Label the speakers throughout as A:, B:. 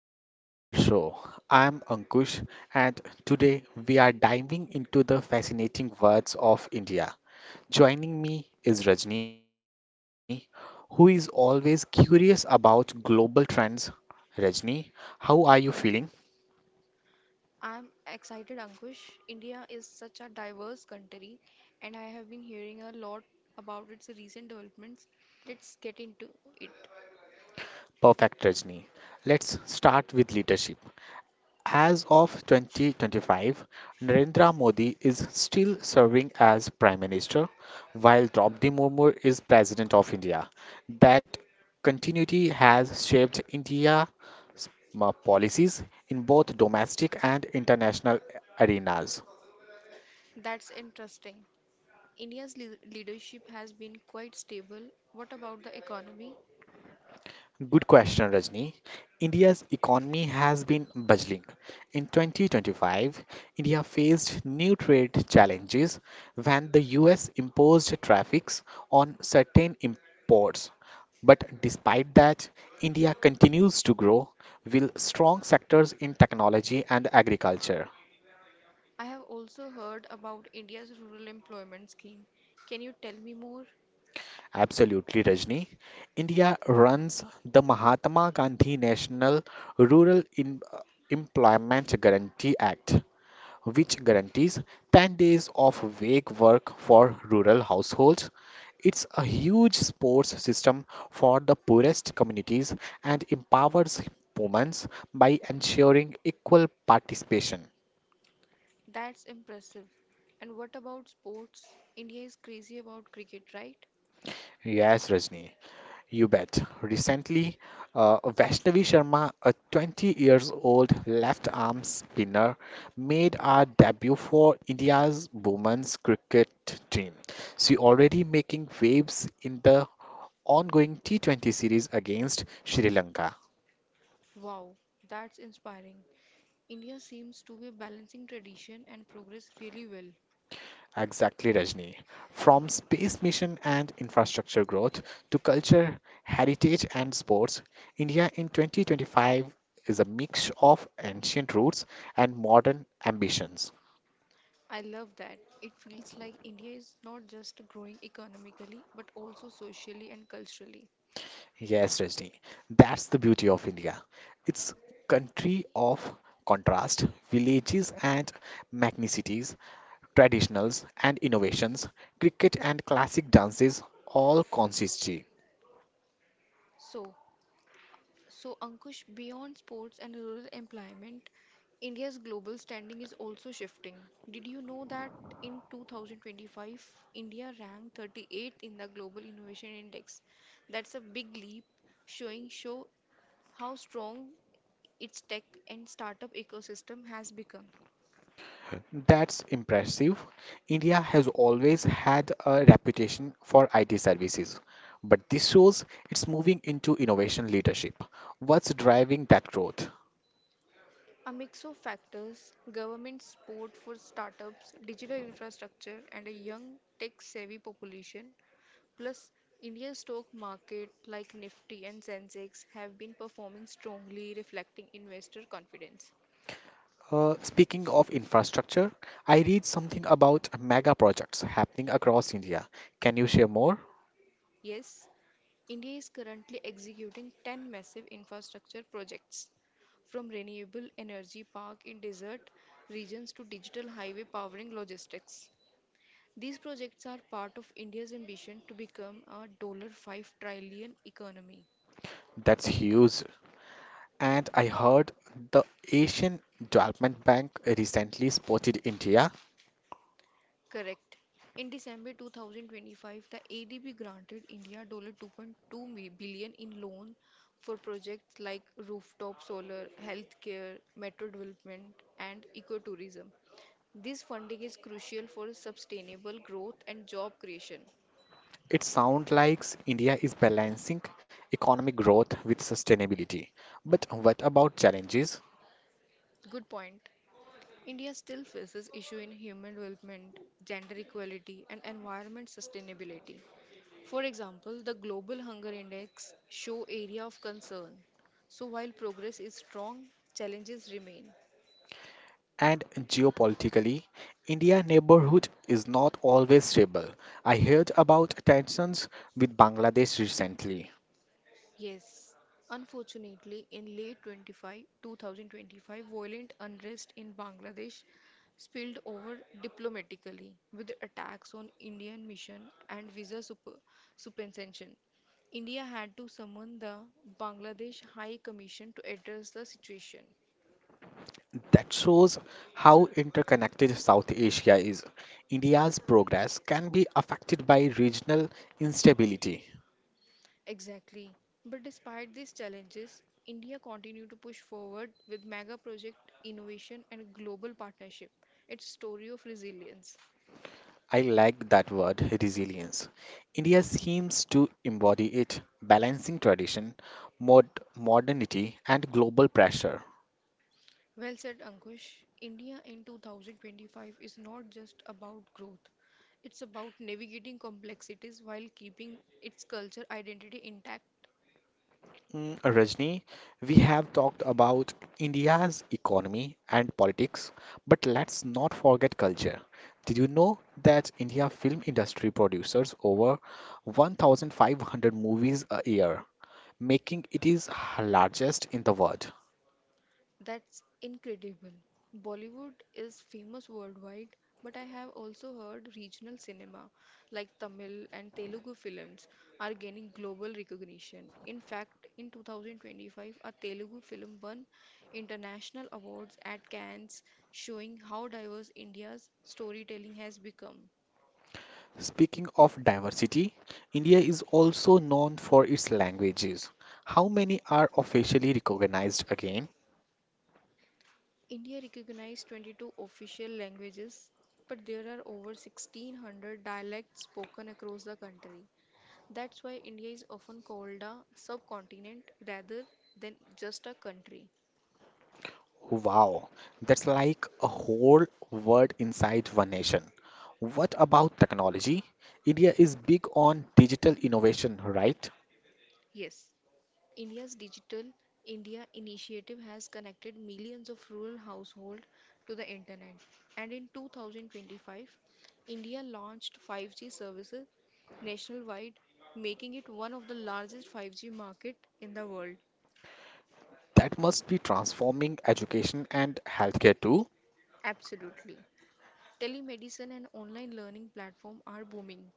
A: Welcome to our show. I'm Ankush, and today we are diving into the fascinating worlds of India. Joining me is Rajni, who is always curious about global trends. Rajni, how are you feeling?
B: I'm excited, Ankush. India is such a diverse country, and I have been hearing a lot about its recent developments. Let's get into it.
A: Perfect, Rajni. Let's start with leadership. As of 2025, Narendra Modi is still serving as Prime Minister, while Draupadi Murmu is President of India. That continuity has shaped India's policies in both domestic and international arenas.
B: That's interesting. India's leadership has been quite stable. What about the economy?
A: Good question, Rajni. India's economy has been buzzing. In 2025, India faced new trade challenges when the US imposed tariffs on certain imports. But despite that, India continues to grow with strong sectors in technology and agriculture.
B: I have also heard about India's rural employment scheme. Can you tell me more?
A: Absolutely, Rajni. India runs the Mahatma Gandhi National Rural Em- Employment Guarantee Act, which guarantees 10 days of wage work for rural households. It's a huge sports system for the poorest communities and empowers women by ensuring equal participation.
B: That's impressive. And what about sports? India is crazy about cricket, right?
A: Yes, Rajni, you bet. Recently, Vaishnavi Sharma, a 20 years old left arm spinner, made her debut for India's women's cricket team. She already making waves in the ongoing T20 series against Sri Lanka.
B: Wow, that's inspiring. India seems to be balancing tradition and progress really well.
A: Exactly, Rajni. From space mission and infrastructure growth to culture, heritage, and sports, India in 2025 is a mix of ancient roots and modern ambitions.
B: I love that. It feels like India is not just growing economically but also socially and culturally.
A: Yes, Rajni, that's the beauty of India. It's country of contrast, villages and magnicities, traditionals and innovations, cricket and classic dances, all consist.
B: So, so Ankush, beyond sports and rural employment, India's global standing is also shifting. Did you know that in 2025, India ranked 38th in the Global Innovation Index? That's a big leap, showing show how strong its tech and startup ecosystem has become.
A: That's impressive. India has always had a reputation for IT services, but this shows it's moving into innovation leadership. What's driving that growth?
B: A mix of factors government support for startups, digital infrastructure, and a young tech savvy population, plus Indian stock market like Nifty and Sensex have been performing strongly, reflecting investor confidence.
A: Speaking of infrastructure, I read something about mega projects happening across India. Can you share more?
B: Yes, India is currently executing 10 massive infrastructure projects from renewable energy park in desert regions to digital highway powering logistics. These projects are part of India's ambition to become a $5 trillion economy.
A: That's huge. And I heard the Asian Development Bank recently spotted India.
B: Correct. In December 2025, the ADB granted India $2 billion in loan for projects like rooftop solar, healthcare, metro development, and ecotourism. This funding is crucial for sustainable growth and job creation.
A: It sounds like India is balancing economic growth with sustainability. But what about challenges?
B: Good point. India still faces issues in human development, gender equality, and environment sustainability. For example, the Global Hunger Index show area of concern. So while progress is strong, challenges remain.
A: And geopolitically, India neighborhood is not always stable. I heard about tensions with Bangladesh recently.
B: Yes, unfortunately, in late 2025, violent unrest in Bangladesh spilled over diplomatically with attacks on Indian mission and visa suspension. India had to summon the Bangladesh High Commission to address the situation.
A: That shows how interconnected South Asia is. India's progress can be affected by regional instability.
B: Exactly. But despite these challenges, India continued to push forward with mega project innovation and global partnership. Its story of resilience.
A: I like that word, resilience. India seems to embody it, balancing tradition, mod modernity, and global pressure.
B: Well said, Ankush. India in 2025 is not just about growth. It's about navigating complexities while keeping its culture identity intact.
A: Rajni, we have talked about India's economy and politics, but let's not forget culture. Did you know that India film industry produces over 1,500 movies a year, making it is largest in the world?
B: That's incredible. Bollywood is famous worldwide, but I have also heard regional cinema like Tamil and Telugu films are gaining global recognition. In fact, in 2025, a Telugu film won international awards at Cannes, showing how diverse India's storytelling has become.
A: Speaking of diversity, India is also known for its languages. How many are officially recognized again?
B: India recognized 22 official languages, but there are over 1,600 dialects spoken across the country. That's why India is often called a subcontinent rather than just a country.
A: Wow, that's like a whole world inside one nation. What about technology? India is big on digital innovation, right?
B: Yes, India's Digital India initiative has connected millions of rural households to the internet. And in 2025, India launched 5G services nationwide, making it one of the largest 5G market in the world.
A: That must be transforming education and healthcare too.
B: Absolutely. Telemedicine and online learning platform are booming.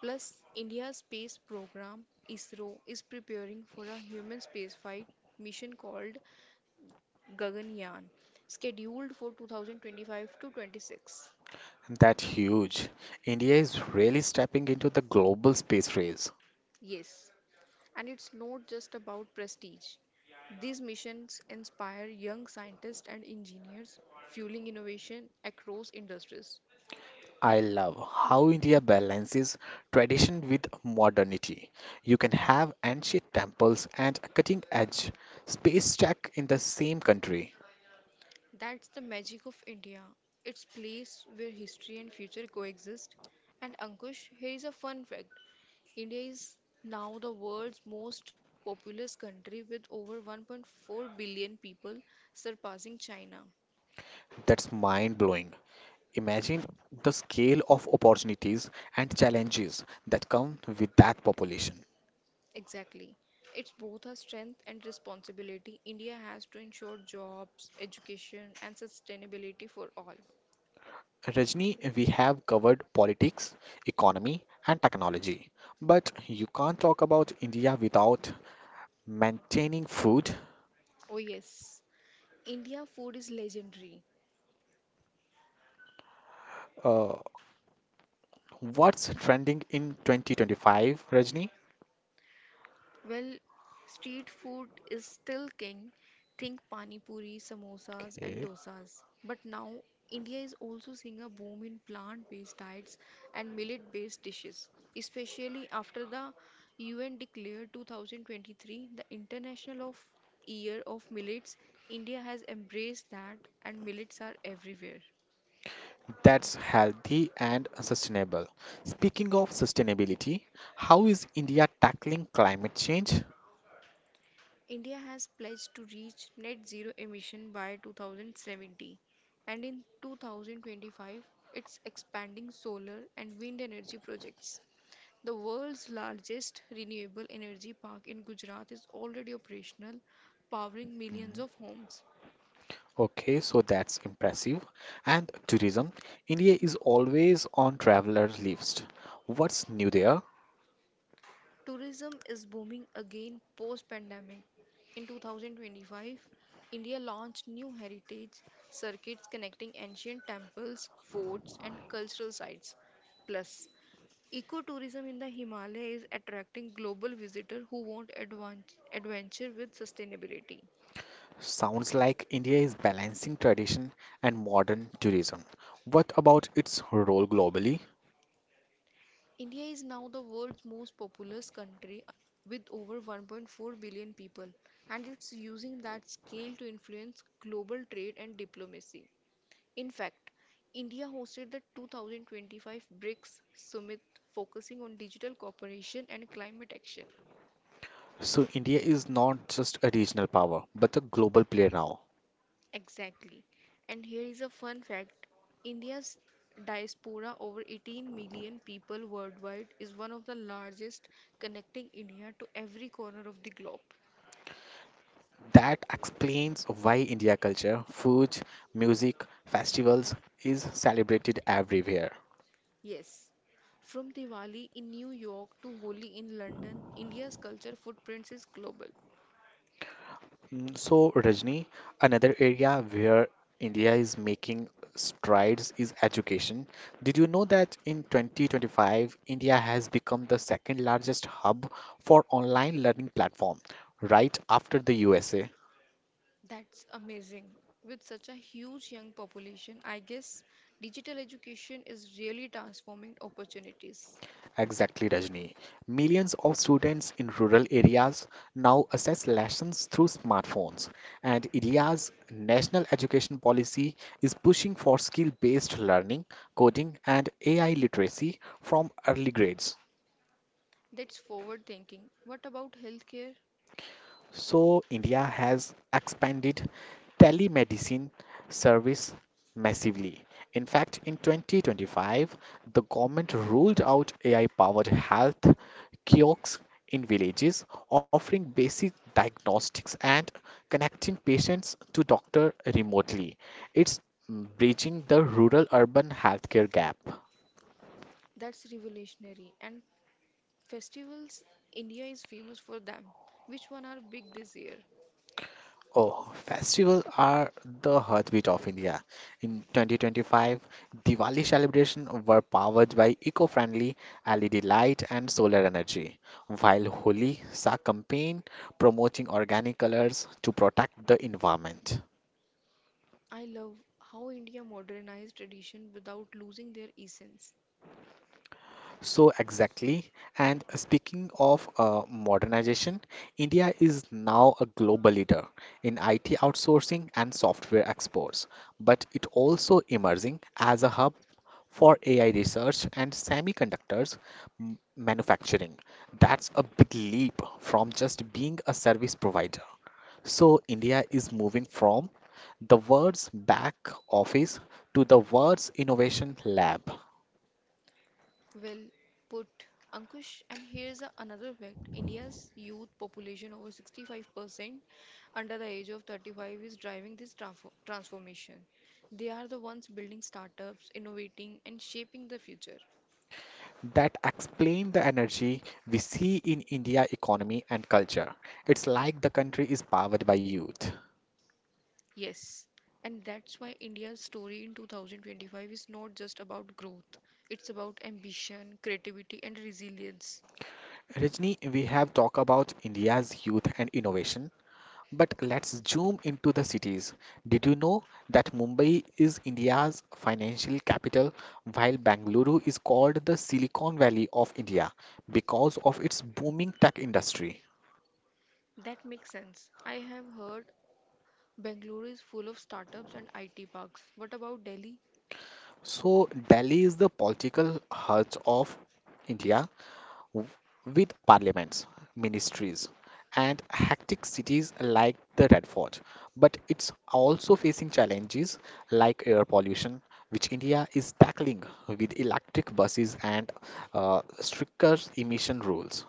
B: Plus, India's space program ISRO is preparing for a human spaceflight mission called Gaganyaan, scheduled for 2025 to 26.
A: That's huge. India is really stepping into the global space race.
B: Yes, and it's not just about prestige. These missions inspire young scientists and engineers, fueling innovation across industries.
A: I love how India balances tradition with modernity. You can have ancient temples and cutting edge space tech in the same country.
B: That's the magic of India. It's place where history and future coexist. And Ankush, here is a fun fact. India is now the world's most populous country with over 1.4 billion people, surpassing China.
A: That's mind blowing. Imagine the scale of opportunities and challenges that come with that population.
B: Exactly. It's both a strength and responsibility. India has to ensure jobs, education, and sustainability for all.
A: Rajni, we have covered politics, economy, and technology, but you can't talk about India without maintaining food,
B: Oh, yes. India food is legendary.
A: uh, what's trending in 2025, Rajni?
B: Well, street food is still king. Think pani puri, samosas, and
A: Okay.
B: dosas. But now, India is also seeing a boom in plant-based diets and millet-based dishes, especially after the UN declared 2023 the International of Year of Millets. India has embraced that, and millets are everywhere.
A: That's healthy and sustainable. Speaking of sustainability, how is India tackling climate change?
B: India has pledged to reach net zero emission by 2070 and in 2025 it's expanding solar and wind energy projects. The world's largest renewable energy park in Gujarat is already operational, powering millions of homes.
A: Okay, so that's impressive. And tourism, India is always on travelers' list. What's new there?
B: Tourism is booming again post pandemic. In 2025, India launched new heritage circuits connecting ancient temples, forts, and cultural sites. Plus, Ecotourism in the Himalaya is attracting global visitors who want adventure with sustainability.
A: Sounds like India is balancing tradition and modern tourism. What about its role globally?
B: India is now the world's most populous country with over 1.4 billion people, and it's using that scale to influence global trade and diplomacy. In fact, India hosted the 2025 BRICS summit focusing on digital cooperation and climate action.
A: So, India is not just a regional power, but a global player now.
B: Exactly. And here is a fun fact India's diaspora, over 18 million people worldwide, is one of the largest, connecting India to every corner of the globe.
A: That explains why India culture, food, music, festivals is celebrated everywhere.
B: Yes. From Diwali in New York to Holi in London, India's culture footprint is global.
A: So, Rajni, another area where India is making strides is education. Did you know that in 2025, India has become the second largest hub for online learning platform, right after the USA?
B: That's amazing. With such a huge young population, I guess digital education is really transforming opportunities.
A: Exactly, Rajni. Millions of students in rural areas now access lessons through smartphones, and India's national education policy is pushing for skill based learning, coding, and AI literacy from early grades.
B: That's forward thinking. What about healthcare?
A: So, India has expanded telemedicine service massively. In fact, in 2025, the government rolled out AI powered health kiosks in villages, offering basic diagnostics and connecting patients to doctor remotely. It's bridging the rural urban healthcare gap.
B: That's revolutionary. And festivals, India is famous for them. Which one are big this year?
A: Oh, festivals are the heartbeat of India. In 2025, Diwali celebrations were powered by eco-friendly LED light and solar energy, while Holi saw campaign promoting organic colors to protect the environment.
B: I love how India modernized tradition without losing their essence.
A: So exactly. And speaking of modernization, India is now a global leader in IT outsourcing and software exports, but it also emerging as a hub for AI research and semiconductors manufacturing. That's a big leap from just being a service provider. So India is moving from the world's back office to the world's innovation lab.
B: Well put, Ankush. And here's another fact India's youth population over 65% under the age of 35 is driving this transformation. They are the ones building startups, innovating, and shaping the future.
A: That explain the energy we see in India economy and culture. It's like the country is powered by youth.
B: Yes, and that's why India's story in 2025 is not just about growth, it's about ambition, creativity, and resilience.
A: Rajni, we have talked about India's youth and innovation, but let's zoom into the cities. Did you know that Mumbai is India's financial capital, while Bangalore is called the Silicon Valley of India because of its booming tech industry?
B: That makes sense. I have heard Bangalore is full of startups and IT parks. What about Delhi?
A: So, Delhi is the political heart of India, with parliaments, ministries, and hectic cities like the Red Fort. But it's also facing challenges like air pollution, which India is tackling with electric buses and stricter emission rules.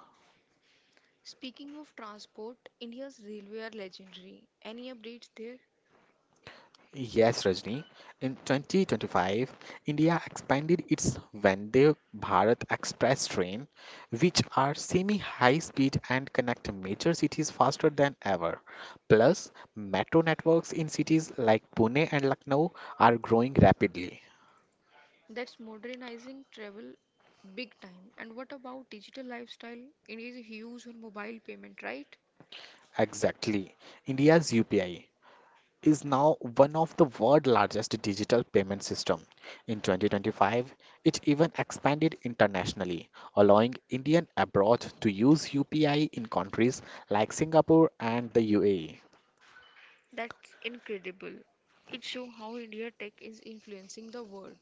B: Speaking of transport, India's railway are legendary. Any updates there?
A: Yes, Rajni. In 2025, India expanded its Vande Bharat Express train, which are semi-high speed and connect major cities faster than ever. Plus, metro networks in cities like Pune and Lucknow are growing rapidly.
B: That's modernizing travel big time. And what about digital lifestyle? India is huge on mobile payment, right?
A: Exactly. India's UPI. Is now one of the world's largest digital payment system. In 2025, it even expanded internationally, allowing Indian abroad to use UPI in countries like Singapore and the UAE.
B: That's incredible. It shows how India tech is influencing the world.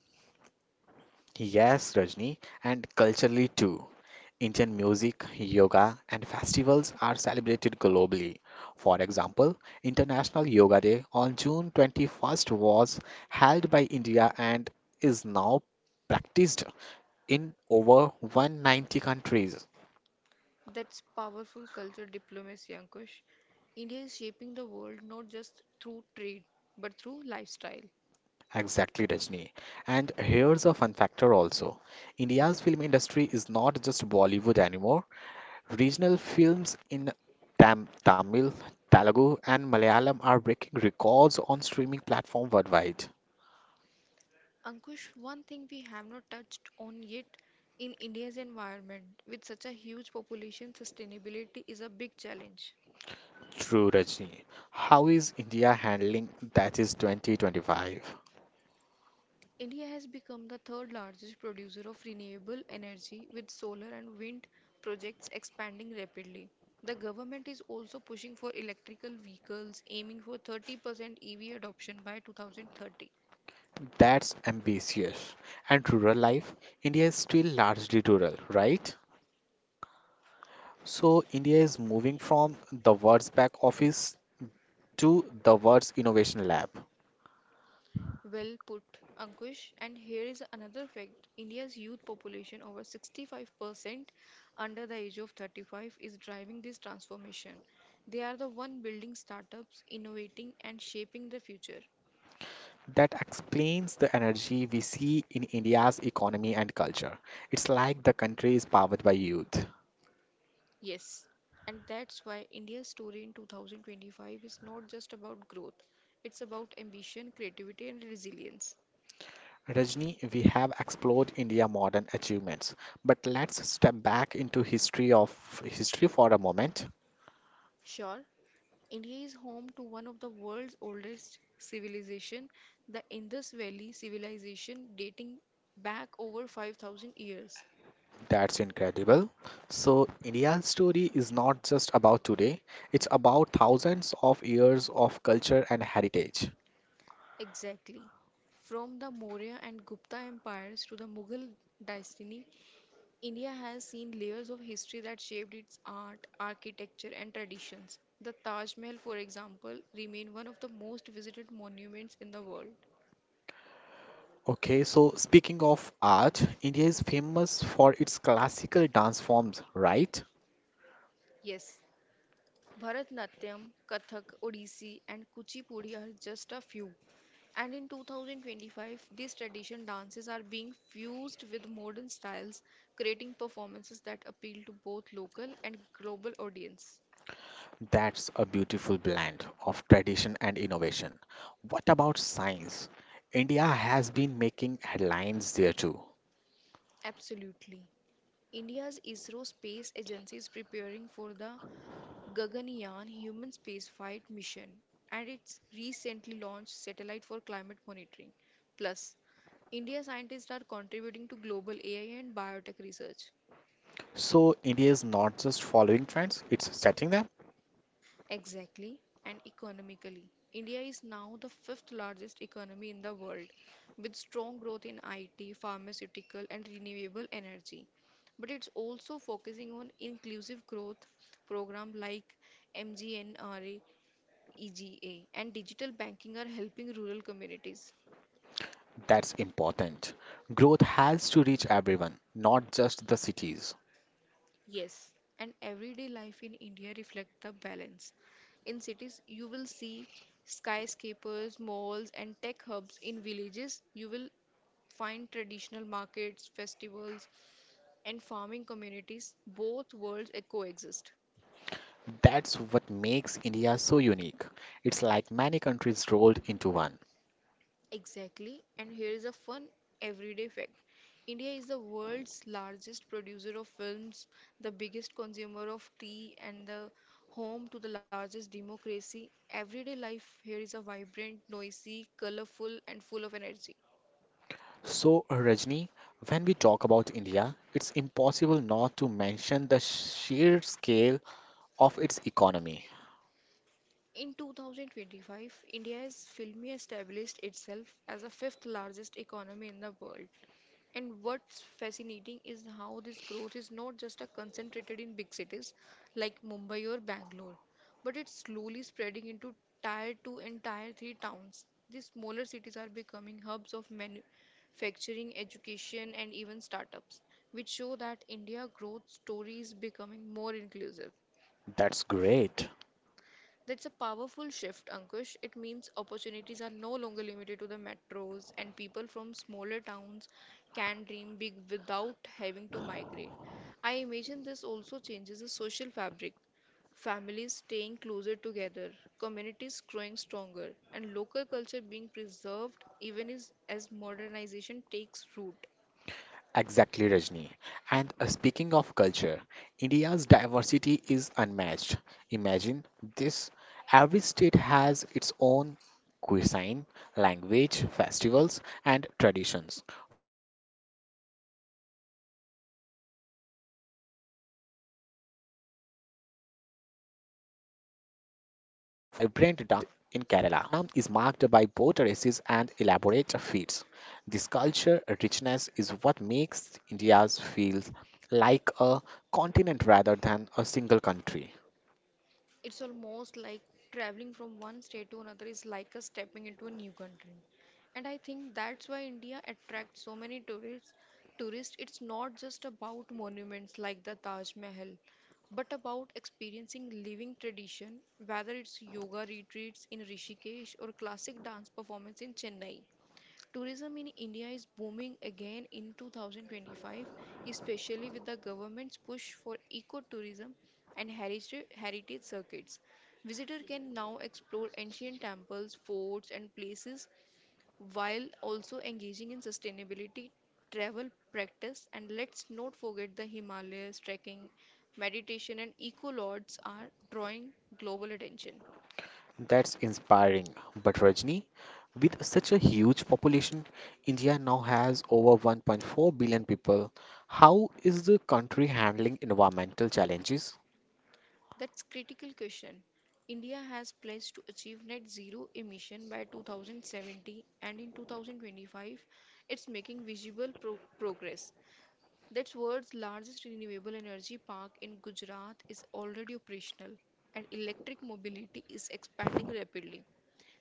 A: Yes, Rajni, and culturally too. Indian music, yoga, and festivals are celebrated globally. For example, International Yoga Day on June 21st was held by India and is now practiced in over 190 countries.
B: That's powerful culture diplomacy, Ankush. India is shaping the world not just through trade, but through lifestyle.
A: Exactly, Rajni. And here's a fun factor also. India's film industry is not just Bollywood anymore. Regional films in Tamil, Telugu, and Malayalam are breaking records on streaming platform worldwide.
B: Ankush, one thing we have not touched on yet in India's environment, with such a huge population, sustainability is a big challenge.
A: True, Rajni. How is India handling that is 2025?
B: India has become the third largest producer of renewable energy with solar and wind projects expanding rapidly. The government is also pushing for electrical vehicles aiming for 30% EV adoption by 2030.
A: That's ambitious. And rural life? India is still largely rural, right? So India is moving from the words back office to the words innovation lab.
B: Well put, Ankush. And here is another fact. India's youth population over 65% under the age of 35 is driving this transformation. They are the one building startups, innovating and shaping the future.
A: That explains the energy we see in India's economy and culture. It's like the country is powered by youth.
B: Yes, and that's why India's story in 2025 is not just about growth, it's about ambition, creativity, and resilience.
A: Rajni, we have explored India modern achievements, but let's step back into history for a moment.
B: Sure, India is home to one of the world's oldest civilization, the Indus Valley Civilization, dating back over 5,000 years.
A: That's incredible. So India's story is not just about today, it's about thousands of years of culture and heritage.
B: Exactly. From the Maurya and Gupta empires to the Mughal dynasty, India has seen layers of history that shaped its art, architecture, and traditions. The Taj Mahal, for example, remains one of the most visited monuments in the world.
A: Okay, so speaking of art, India is famous for its classical dance forms, right?
B: Yes, Bharatnatyam, Kathak, Odissi, and Kuchipudi are just a few. And in 2025, these tradition dances are being fused with modern styles, creating performances that appeal to both local and global audience.
A: That's a beautiful blend of tradition and innovation. What about science? India has been making headlines there too.
B: Absolutely. India's ISRO space agency is preparing for the Gaganyaan human spaceflight mission and its recently launched satellite for climate monitoring. Plus, India scientists are contributing to global AI and biotech research.
A: So India is not just following trends, it's setting them.
B: Exactly and economically. India is now the fifth largest economy in the world with strong growth in IT, pharmaceutical, and renewable energy. But it's also focusing on inclusive growth programs like MGNRA EGA, and digital banking are helping rural communities.
A: That's important. Growth has to reach everyone, not just the cities.
B: Yes, and everyday life in India reflect the balance. In cities, you will see skyscrapers, malls, and tech hubs. In villages, you will find traditional markets, festivals, and farming communities. Both worlds coexist.
A: That's what makes India so unique. It's like many countries rolled into one.
B: Exactly, and here is a fun everyday fact. India is the world's largest producer of films, the biggest consumer of tea, and the home to the largest democracy. Everyday life here is a vibrant, noisy, colorful, and full of energy.
A: So, Rajni, when we talk about India, it's impossible not to mention the sheer scale of its economy.
B: In 2025, India has firmly established itself as the fifth largest economy in the world. And what's fascinating is how this growth is not just a concentrated in big cities like Mumbai or Bangalore, but it's slowly spreading into tier 2 and tier 3 towns. These smaller cities are becoming hubs of manufacturing, education, and even startups, which show that India growth story is becoming more inclusive.
A: That's great.
B: That's a powerful shift, Ankush. It means opportunities are no longer limited to the metros, and people from smaller towns can dream big without having to migrate. I imagine this also changes the social fabric. Families staying closer together, communities growing stronger, and local culture being preserved even as modernization takes root.
A: Exactly, Rajni. And speaking of culture, India's diversity is unmatched. Imagine this every state has its own cuisine, language, festivals, and traditions. For example, while Punjab celebrates Baishakhi with vibrant dance and harvest rituals, down south in Kerala, Onam is marked by boat races and elaborate feasts. This culture richness is what makes India's feel like a continent rather than a single country.
B: It's almost like traveling from one state to another is like a stepping into a new country. And I think that's why India attracts so many tourists, it's not just about monuments like the Taj Mahal, but about experiencing living tradition, whether it's yoga retreats in Rishikesh or classic dance performance in Chennai. Tourism in India is booming again in 2025, especially with the government's push for eco-tourism and heritage circuits. Visitors can now explore ancient temples, forts, and places while also engaging in sustainability travel practice. And let's not forget the Himalayas, trekking, meditation, and eco lodges are drawing global attention.
A: That's inspiring. But Rajni, with such a huge population, India now has over 1.4 billion people. How is the country handling environmental challenges?
B: That's critical question. India has pledged to achieve net zero emission by 2070 and in 2025 it's making visible progress. That's world's largest renewable energy park in Gujarat is already operational and electric mobility is expanding rapidly.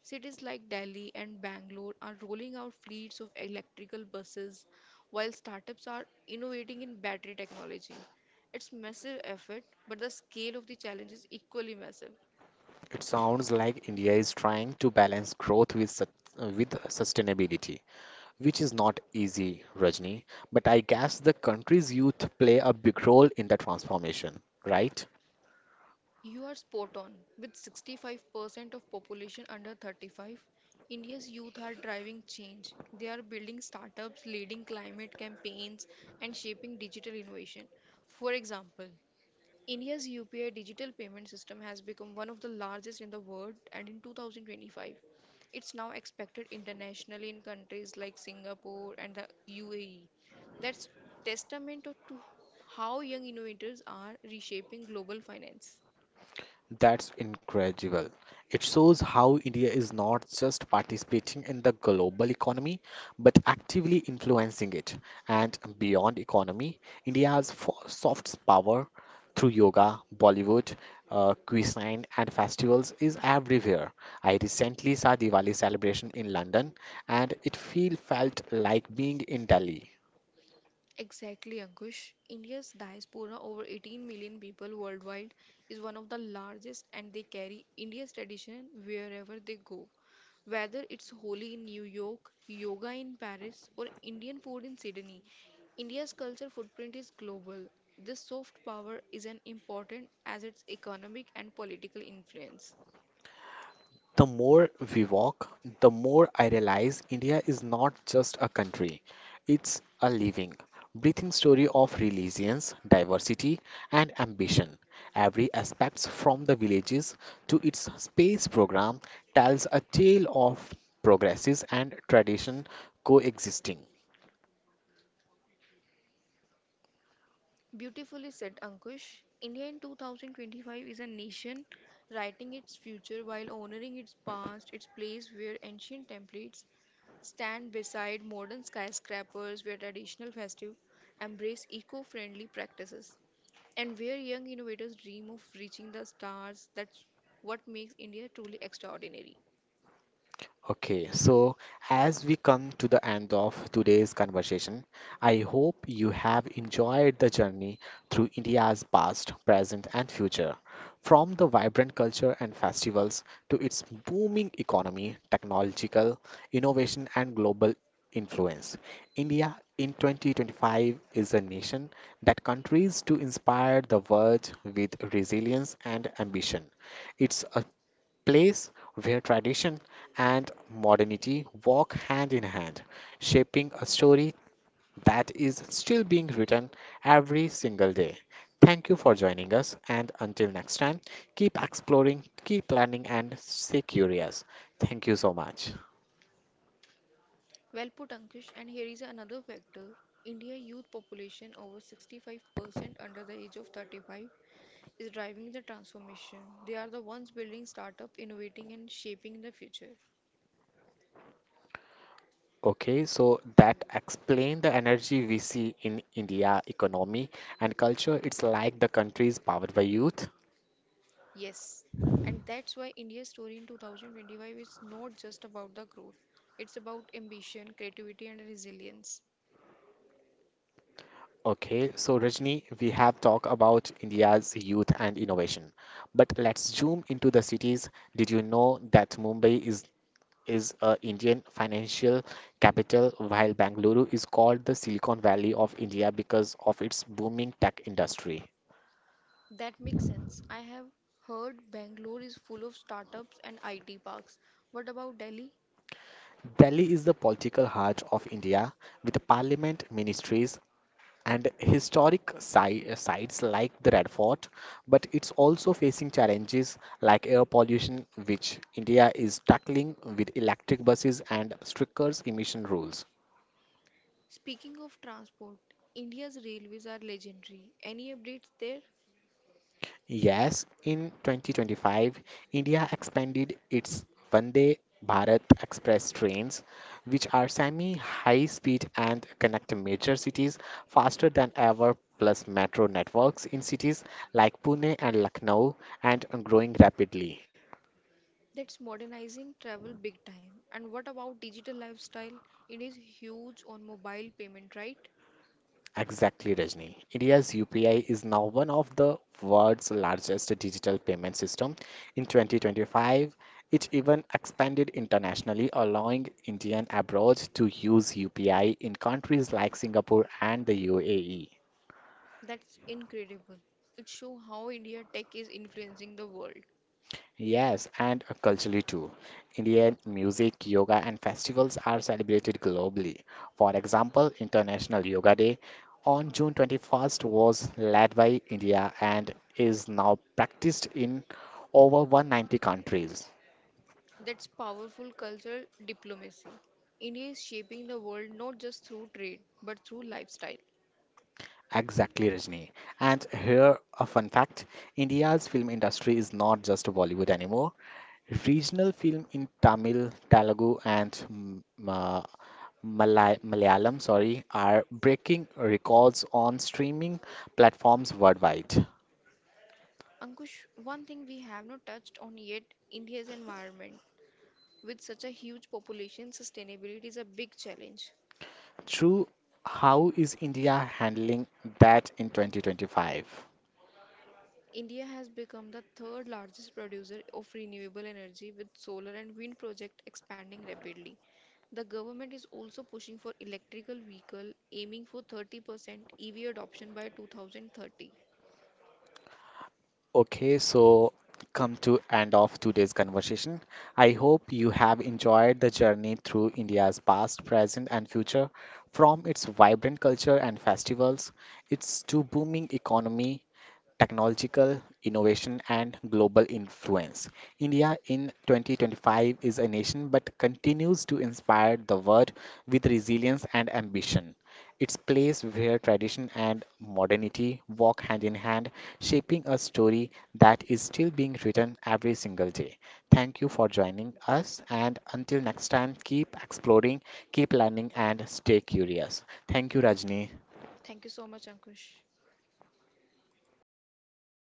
B: Cities like Delhi and Bangalore are rolling out fleets of electrical buses, while startups are innovating in battery technology. It's massive effort, but the scale of the challenge is equally massive.
A: It sounds like India is trying to balance growth with, with sustainability, which is not easy, Rajni. But I guess the country's youth play a big role in the transformation, right?
B: You are spot on. With 65% of population under 35, India's youth are driving change. They are building startups, leading climate campaigns, and shaping digital innovation. For example, India's UPI digital payment system has become one of the largest in the world, and in 2025, it's now expected internationally in countries like Singapore and the UAE. That's testament to how young innovators are reshaping global finance.
A: That's incredible. It shows how India is not just participating in the global economy, but actively influencing it. And beyond economy, India has soft power through yoga, Bollywood, cuisine, and festivals is everywhere. I recently saw Diwali celebration in London, and it feel felt like being in Delhi.
B: Exactly, Ankush. India's diaspora, over 18 million people worldwide, is one of the largest, and they carry India's tradition wherever they go. Whether it's Holi in New York, yoga in Paris, or Indian food in Sydney, India's culture footprint is global. This soft power is as important as its economic and political influence.
A: The more we walk, the more I realize India is not just a country, it's a living, breathing story of resilience, diversity, and ambition. Every aspect, from the villages to its space program, tells a tale of progresses and tradition coexisting.
B: Beautifully said, Ankush. India in 2025 is a nation writing its future while honoring its past, its place where ancient templates stand beside modern skyscrapers, where traditional festive embrace eco-friendly practices, and where young innovators dream of reaching the stars. That's what makes India truly extraordinary.
A: Okay, so as we come to the end of today's conversation, I hope you have enjoyed the journey through India's past, present, and future. From the vibrant culture and festivals to its booming economy, technological innovation, and global influence. India in 2025 is a nation that continues to inspire the world with resilience and ambition. It's a place where tradition and modernity walk hand in hand, shaping a story that is still being written every single day. Thank you for joining us, and until next time, keep exploring, keep learning, and stay curious. Thank you so much.
B: Well put, Ankush. And here is another factor. India youth population over 65% under the age of 35 is driving the transformation. They are the ones building startup, innovating and shaping the future.
A: Okay, so that explain the energy we see in India economy and culture. It's like the country is powered by youth.
B: Yes. And that's why India's story in 2025 is not just about the growth. It's about ambition, creativity and resilience.
A: Okay, so Rajni, we have talked about India's youth and innovation, but let's zoom into the cities. Did you know that Mumbai is a Indian financial capital, while Bangalore is called the Silicon Valley of India because of its booming tech industry?
B: That makes sense. I have heard Bangalore is full of startups and IT parks. What about Delhi?
A: Delhi is the political heart of India with parliament, ministries, and sites like the Red Fort, but it's also facing challenges like air pollution, which India is tackling with electric buses and stricter emission rules.
B: Speaking of transport, India's railways are legendary. Any updates there?
A: Yes, in 2025, India expanded its Vande Bharat Express trains, which are semi high speed and connect major cities faster than ever, plus metro networks in cities like Pune and Lucknow and growing rapidly.
B: That's modernizing travel big time. And what about digital lifestyle? It is huge on mobile payment, right?
A: Exactly, Rajni. India's UPI is now one of the world's largest digital payment system. In 2025, it even expanded internationally, allowing Indian abroad to use UPI in countries like Singapore and the UAE.
B: That's incredible. It shows how India tech is influencing the world.
A: Yes, and culturally too. Indian music, yoga, and festivals are celebrated globally. For example, International Yoga Day on June 21st was led by India and is now practiced in over 190 countries.
B: That's powerful cultural diplomacy. India is shaping the world not just through trade, but through lifestyle.
A: Exactly, Rajni. And here, a fun fact India's film industry is not just Bollywood anymore. Regional film in Tamil, Telugu, and Malayalam, sorry, are breaking records on streaming platforms worldwide.
B: Ankush, one thing we have not touched on yet, India's environment. With such a huge population, sustainability is a big challenge.
A: True, how is India handling that in 2025?
B: India has become the third largest producer of renewable energy with solar and wind projects expanding rapidly. The government is also pushing for electrical vehicle aiming for 30% EV adoption by 2030.
A: Okay, so come to end of today's conversation. I hope you have enjoyed the journey through India's past, present, and future, from its vibrant culture and festivals, its to booming economy technological innovation and global influence. India in 2025 is a nation but continues to inspire the world with resilience and ambition. It's place where tradition and modernity walk hand in hand, shaping a story that is still being written every single day. Thank you for joining us and until next time keep exploring, keep learning and stay curious. Thank you Rajni.
B: Thank you so much Ankush.